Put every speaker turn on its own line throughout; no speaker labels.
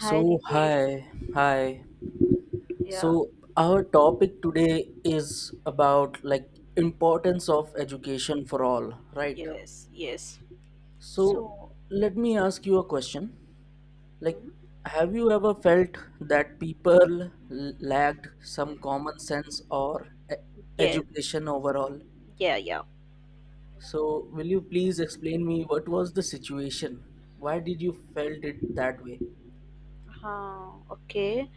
Hi
So,
Ritesh.
hi, hi.
Yeah.
So, our topic today is about importance of education for all, right?
Yes, yes.
So,
So,
let me ask you a question. Like,
hmm?
have you ever felt that people lacked some common sense or
Yeah,
education overall?
yeah, yeah.
So, will you please explain me what was the situation? Why did you felt it that way?
Okay.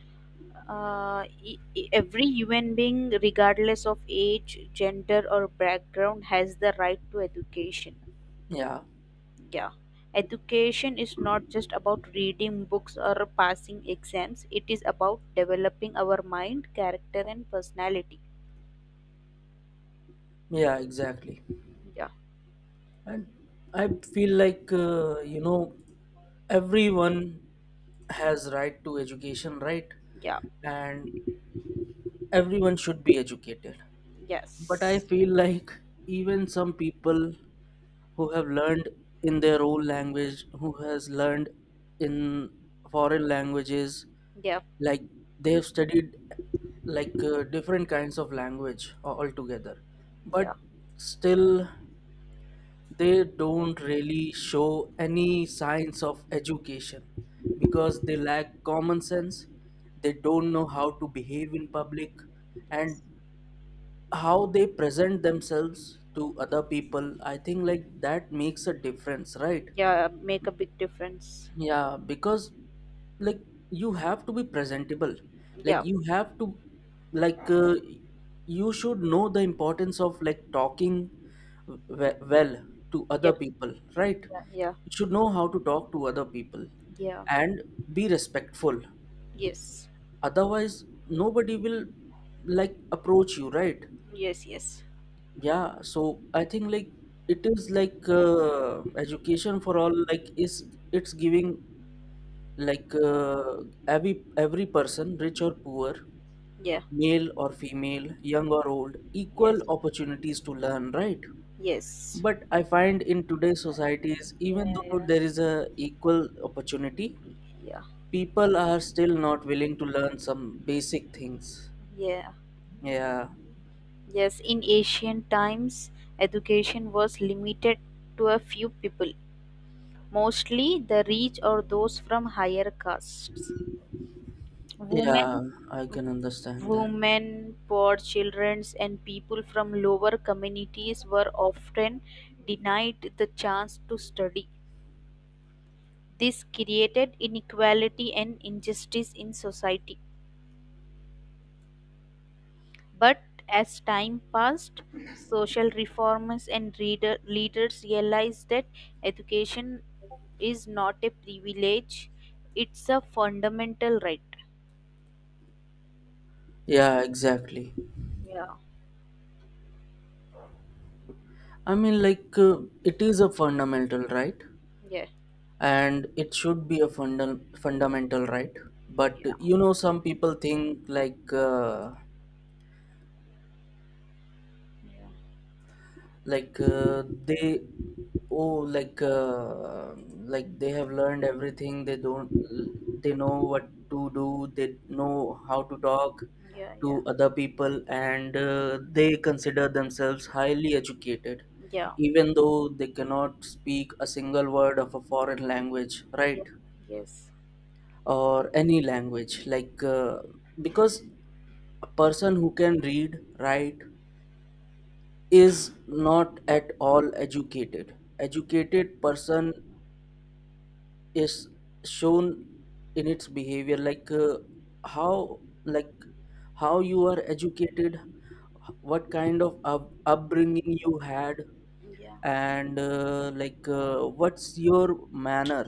Every human being, regardless of age, gender, or background, has the right to education.
Yeah,
Yeah. Education is not just about reading books or passing exams, it is about developing our mind, character, and personality.
yeah, exactly.
Yeah.
And I feel like everyone has right to education, right?
Yeah.
And everyone should be educated. But I
Yes.
feel like even some people who have learned in their own language, who has learned in foreign languages,
Yeah.
like they've studied different kinds of language altogether,
Yeah.
but still they don't really show any signs of education because they lack common sense, they don't know how to behave in public, and
Yes.
how they present themselves to other people. I think like that makes a difference, right?
Yeah, make a big difference.
Yeah, because like you have to be presentable. Like
Yeah.
you have to, like uh, you should know the importance of like talking well to
Yeah.
other people, right?
Yeah. Yeah.
You should know how to talk to other people
Yeah.
and be respectful,
Yes.
otherwise nobody will like approach you, right?
Yes. Yes.
Yeah, so I think like it is education for all like is it's giving like uh, every person, rich or poor,
Yeah.
male or female, young or old, equal
Yes.
opportunities to learn, right?
Yes.
But I find in today's societies, even
Yeah.
though
Yeah.
there is a equal opportunity,
Yeah.
people are still not willing to learn some basic things.
Yeah.
Yeah,
Yes, in ancient times education was limited to a few people, mostly the rich or those from higher castes.
yeah,
women
I can understand that.
women poor children, and people from lower communities were often denied the chance to study. This created inequality and injustice in society. But as time passed, social reformers and leaders realized that education is not a privilege, it's a fundamental right.
Yeah, exactly.
Yeah.
I mean it is a fundamental right,
Yeah.
and it should be a fundamental right. But
Yeah.
you know, some people think like they oh, like they have learned everything, they don't, they know what to do, they know how to talk
Yeah. Yeah.
to other people, and they consider themselves highly educated,
Yeah.
even though they cannot speak a single word of a foreign language,
Yeah.
right?
Yes.
Or any language, because a person who can read, write is not at all educated. Educated person is shown in its behavior, how like how you are educated, what kind of upbringing you had,
Yeah.
and what's your manner,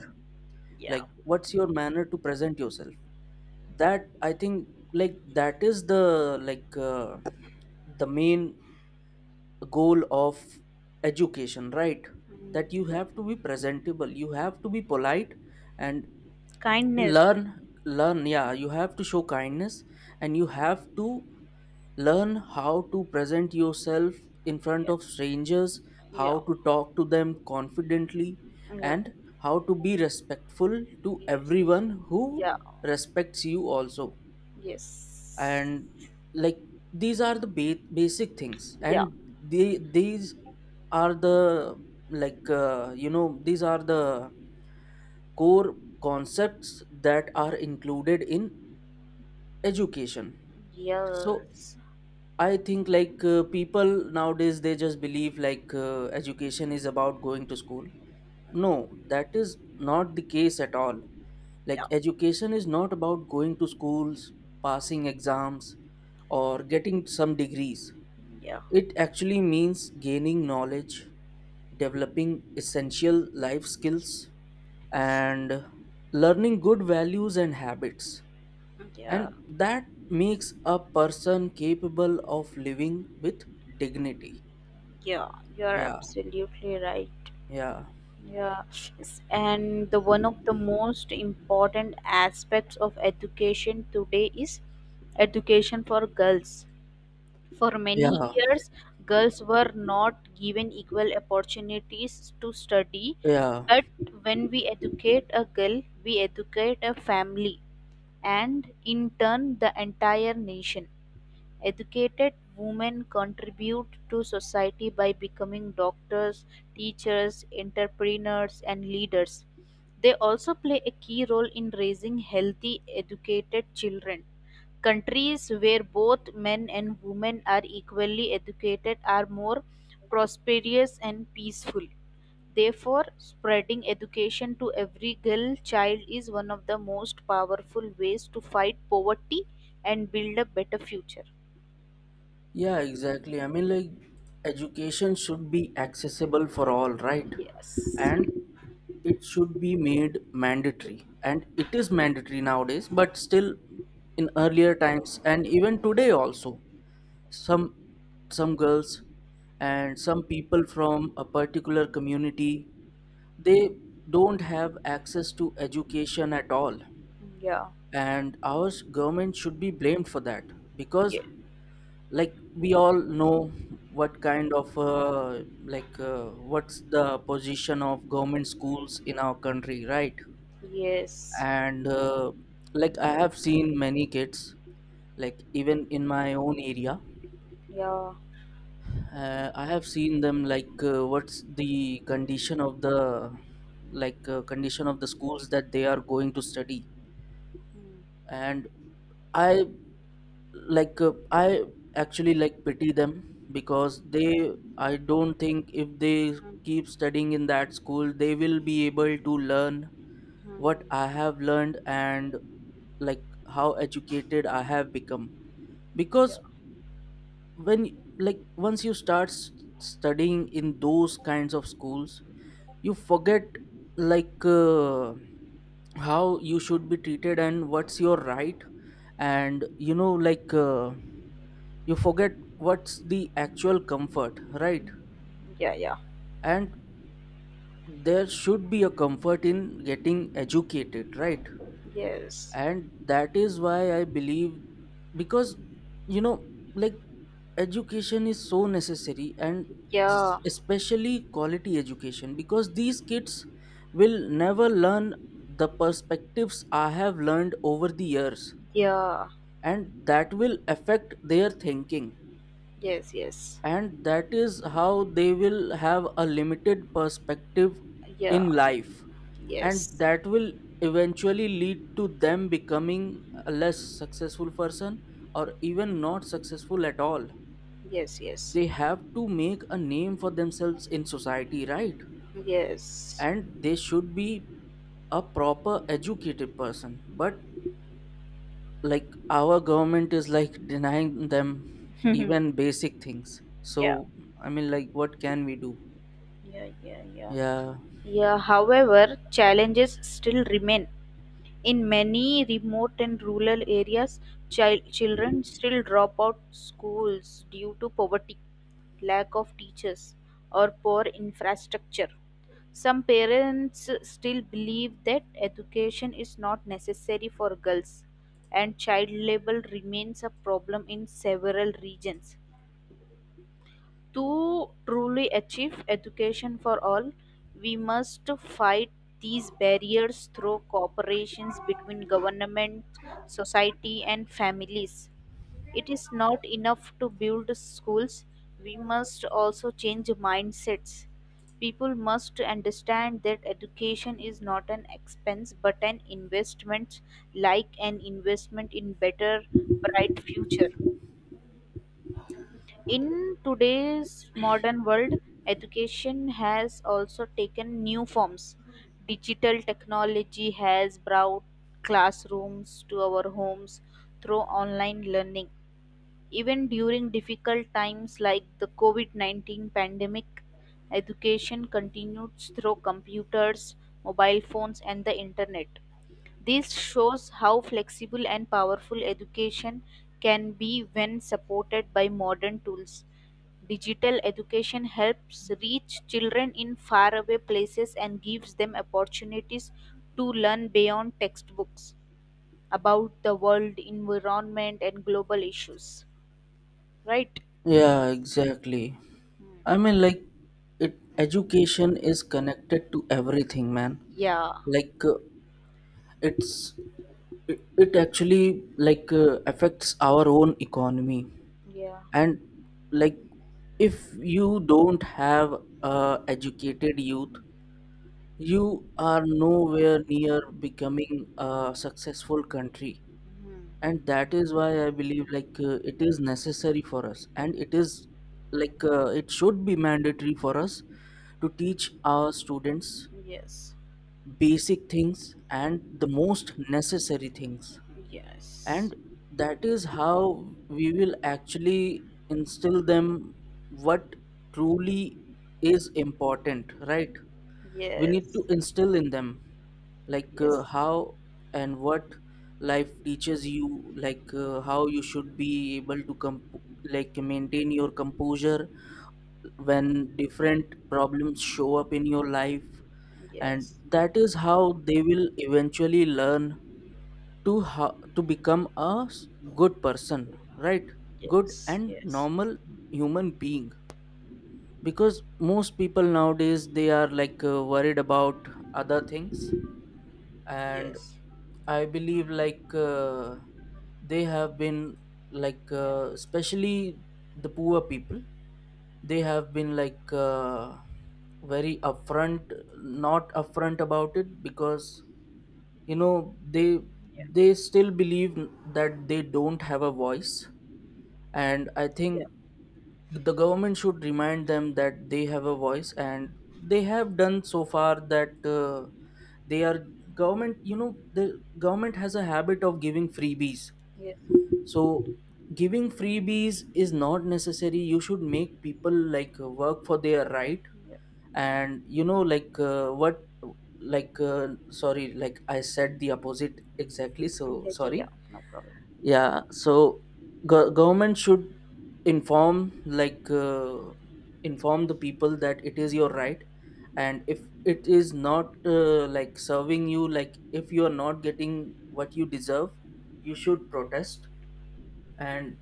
Yeah.
like what's your manner to present yourself. That I think like that is the the main goal of education, right?
Mm.
That you
Yeah.
have to be presentable, you have to be polite, and
Kindness.
learn learn yeah, you have to show kindness, and you have to learn how to present yourself in front
Yeah.
of strangers, how
Yeah.
to talk to them confidently,
Yeah.
and how to be respectful to
Yes.
everyone who
Yeah.
respects you also.
Yes.
And like these are the basic things,
Yeah.
and they these are the these are the core concepts that are included in education. So
Yes.
I think people nowadays they just believe education is about going to school. No, that is not the case at all.
Yeah.
Like, education is not about going to schools, passing exams, or getting some degrees.
Yeah.
It actually means gaining knowledge, developing essential life skills, and learning good values and habits.
Yeah.
And that makes a person capable of living with dignity.
Yeah. You're
Yeah,
absolutely right.
yeah,
Yeah. Yes, and the one of the most important aspects of education today is education for girls. For
yeah,
many years, girls were not given equal opportunities to study,
yeah.
but when we educate a girl, we educate a family and in turn the entire nation. Educated women contribute to society by becoming doctors, teachers, entrepreneurs, and leaders. They also play a key role in raising healthy, educated children. Countries where both men and women are equally educated are more prosperous and peaceful. Therefore, spreading education to every girl child is one of the most powerful ways to fight poverty and build a better future.
Yeah, exactly. I mean, like, education should be accessible for all, right?
Yes.
And it should be made mandatory. And it is mandatory nowadays, but still in earlier times and even today also, some some girls and some people from a particular community, they don't have access to education at all.
Yeah.
And our government should be blamed for that, because
Yeah.
like we all know what kind of what's the position of government schools in our country, right?
Yes.
And like I have seen many kids, like even in my own area,
Yeah.
I have seen them, what's the condition of the condition of the schools that they are going to study.
Mhm.
And I, I actually like pity them, because they, I don't think if they keep studying in that school they will be able to learn what I have learned, and like how educated I have become.
Yeah.
Because when like once you start studying in those kinds of schools, you forget like uh, how you should be treated and what's your right. And you know, you forget what's the actual comfort, right?
Yeah. Yeah.
And there should be a comfort in getting educated, right?
Yes.
And that is why I believe, because you know, like education is so necessary, and
Yeah.
especially quality education, because these kids will never learn the perspectives I have learned over the years,
Yeah.
and that will affect their thinking.
Yes. Yes.
And that is how they will have a limited perspective
Yeah.
in life, and
Yes.
that will eventually lead to them becoming a less successful person, or even not successful at all.
Yes. Yes.
They have to make a name for themselves in society, right?
Yes.
And they should be a proper educated person, but like our government is like denying them
yeah.
even basic things.
Yeah.
So I mean like what can we do?
Yeah. Yeah.
Yeah,
Yeah. However, challenges still remain. In many remote and rural areas, children still drop out schools due to poverty, lack of teachers, or poor infrastructure. Some parents still believe that education is not necessary for girls, and child labor remains a problem in several regions. To truly achieve education for all, we must fight these barriers through cooperations between government, society, and families. It is not enough to build schools, we must also change mindsets. People must understand that education is not an expense but an investment, like an investment in better, bright future. In today's modern world, education has also taken new forms. Digital technology has brought classrooms to our homes through online learning. Even during difficult times like the COVID 19 pandemic, education continues through computers, mobile phones, and the internet. This shows how flexible and powerful education can be when supported by modern tools. Digital education helps reach children in faraway places and gives them opportunities to learn beyond textbooks about the world, environment, and global issues. Right?
yeah, exactly. I
Hmm.
mean, like, it education is connected to everything, man.
Yeah.
Like, uh, it's it actually affects our own economy,
Yeah.
and like if you don't have educated youth, you are nowhere near becoming a successful country.
Hmm.
And that is why I believe it is necessary for us, and it is it should be mandatory for us to teach our students
Yes.
basic things and the most necessary things.
Yes.
And that is how we will actually instill them what truly is important, right? We need
Yes.
to instill in them
Yes.
how and what life teaches you, how you should be able to like maintain your composure when different problems show up in your life. And
Yes.
that is how they will eventually learn to how to become a good person, right? Good
Yes.
and
Yes.
normal human being, because most people nowadays they are worried about other things. And
Yes.
I believe they have been
Yeah.
especially the poor people, they have been very upfront, not upfront about it, because you know they
Yeah.
they still believe that they don't have a voice. And I
Yeah.
think the government should remind them that they have a voice. And they have done so far that they are government, you know the government has a habit of giving freebies.
Yes.
So giving freebies is not necessary, you should make people work for their right.
Yeah. Yeah.
And you know, like what like sorry, like I said the opposite exactly, so
Yeah.
sorry.
Yeah. No problem.
Yeah, so government should inform, inform the people that it is your right. And if it is not, like serving you, like if you are not getting what you deserve, you should protest, and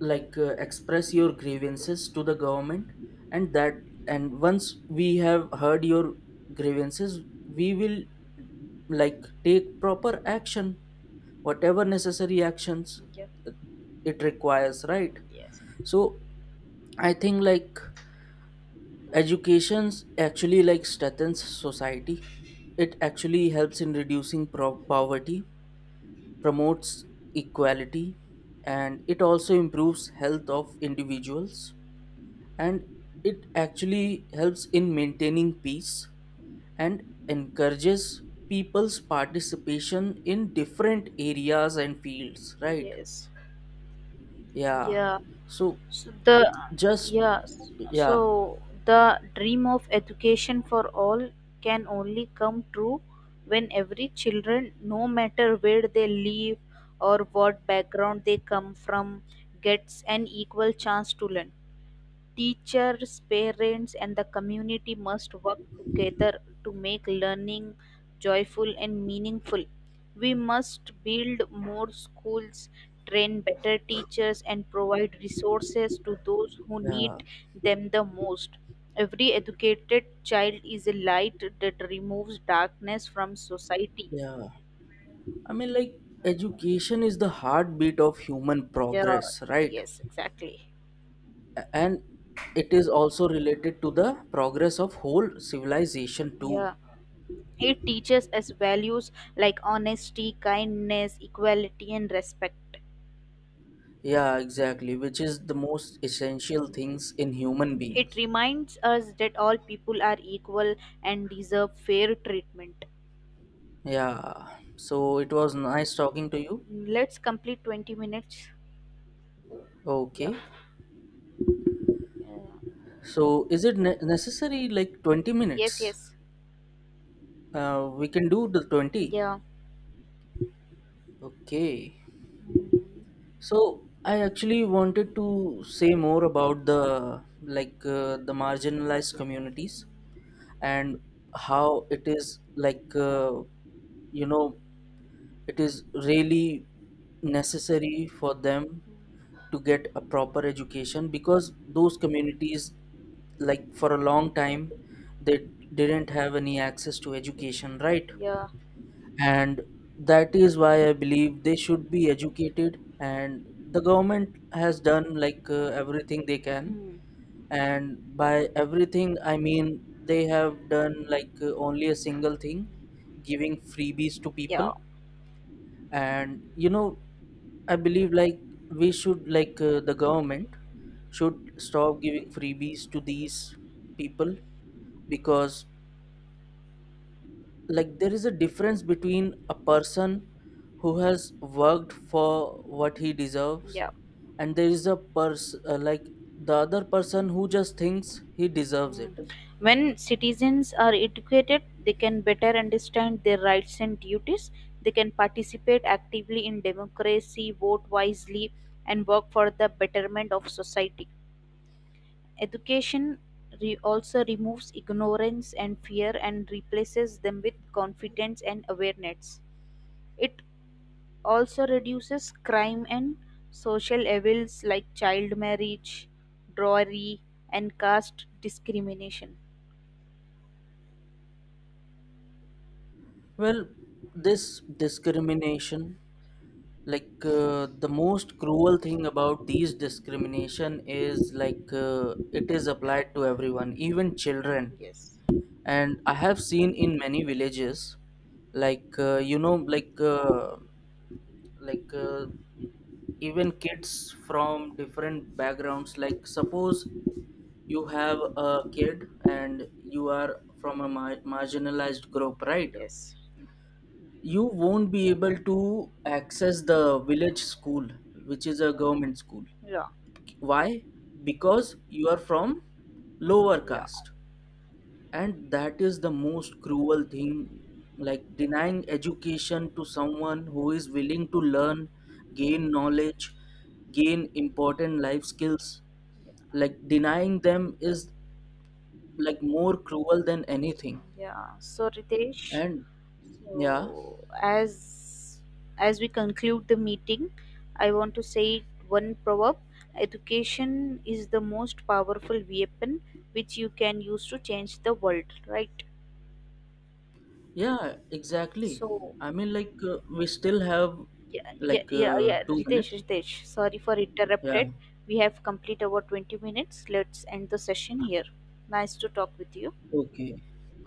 express your grievances to the government. And that, and once we have heard your grievances, we will like take proper action, whatever necessary actions
Yeah.
it requires, right?
Yes.
So I think like education's actually like strengthens society, it actually helps in reducing poverty, promotes equality, and it also improves health of individuals, and it actually helps in maintaining peace, and encourages people's participation in different areas and fields, right?
Yes.
Yeah.
Yeah.
So
So the
just
Yeah. So
yeah.
the dream of education for all can only come true when every children, no matter where they live or what background they come from, gets an equal chance to learn. Teachers, parents, and the community must work together to make learning joyful and meaningful. We must build more schools, train better teachers, and provide resources to those who
Yeah,
need them the most. Every educated child is a light that removes darkness from society.
yeah. I mean, like, education is the heartbeat of human
Yeah,
progress, right?
yes, exactly.
And it is also related to the progress of whole civilization, too.
Yeah. It teaches us values like honesty, kindness, equality, and respect.
Yeah, exactly, which is the most essential things in human
It
beings.
reminds us that all people are equal and deserve fair treatment.
Yeah, so it was nice talking to you.
Let's complete 20 minutes. Yeah.
Okay,
Yeah.
so is it necessary like 20
Yes,
minutes?
yes.
We can do the 20.
Yeah.
Okay.
Mm. Mm.
So I actually wanted to say more about the the marginalized communities, and how it is you know it is really necessary for them to get a proper education, because those communities, like for a long time, they didn't have any access to education, right?
Yeah.
And that is why I believe they should be educated. And the government has done everything they can,
Hmm.
and by everything I mean they have done only a single thing, giving freebies to people.
Yeah.
And you know, I believe like we should, the government should stop giving freebies to these people, because like there is a difference between a person who has worked for what he deserves,
Yeah.
and there is a person like the other person who just thinks he deserves
Mm.
it.
When citizens are educated, they can better understand their rights and duties. They can participate actively in democracy, vote wisely, and work for the betterment of society. Education also removes ignorance and fear and replaces them with confidence and awareness. It also reduces crime and social evils like child marriage, drawry, and caste discrimination.
Well, this discrimination, the most cruel thing about these discrimination is it is applied to everyone, even children.
Yes.
And I have seen in many villages, like uh, you know like uh, like uh, even kids from different backgrounds, like suppose you have a kid and you are from a marginalized group, right?
Yes,
You won't be able to access the village school, which is a government school.
yeah, long,
Why? Because you are from lower
yeah.
caste. And that is the most cruel thing, like denying education to someone who is willing to learn, gain knowledge, gain important life skills. Like denying them is like more cruel than anything.
Yeah. So Ritesh,
And yeah,
so as we conclude the meeting, I want to say one proverb: education is the most powerful weapon which you can use to change the world. Right.
yeah, exactly.
So
I mean we still have
yeah, yeah, yeah, yeah.
2
Ritesh,
minutes.
Ritesh, sorry for
Yeah.
interrupted. We have complete our 20 minutes. Let's end the session here. Nice to talk with you.
Okay,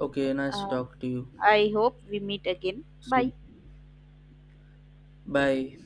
okay, nice to
Uh,
talk to you.
I hope we meet again. Bye.
So bye.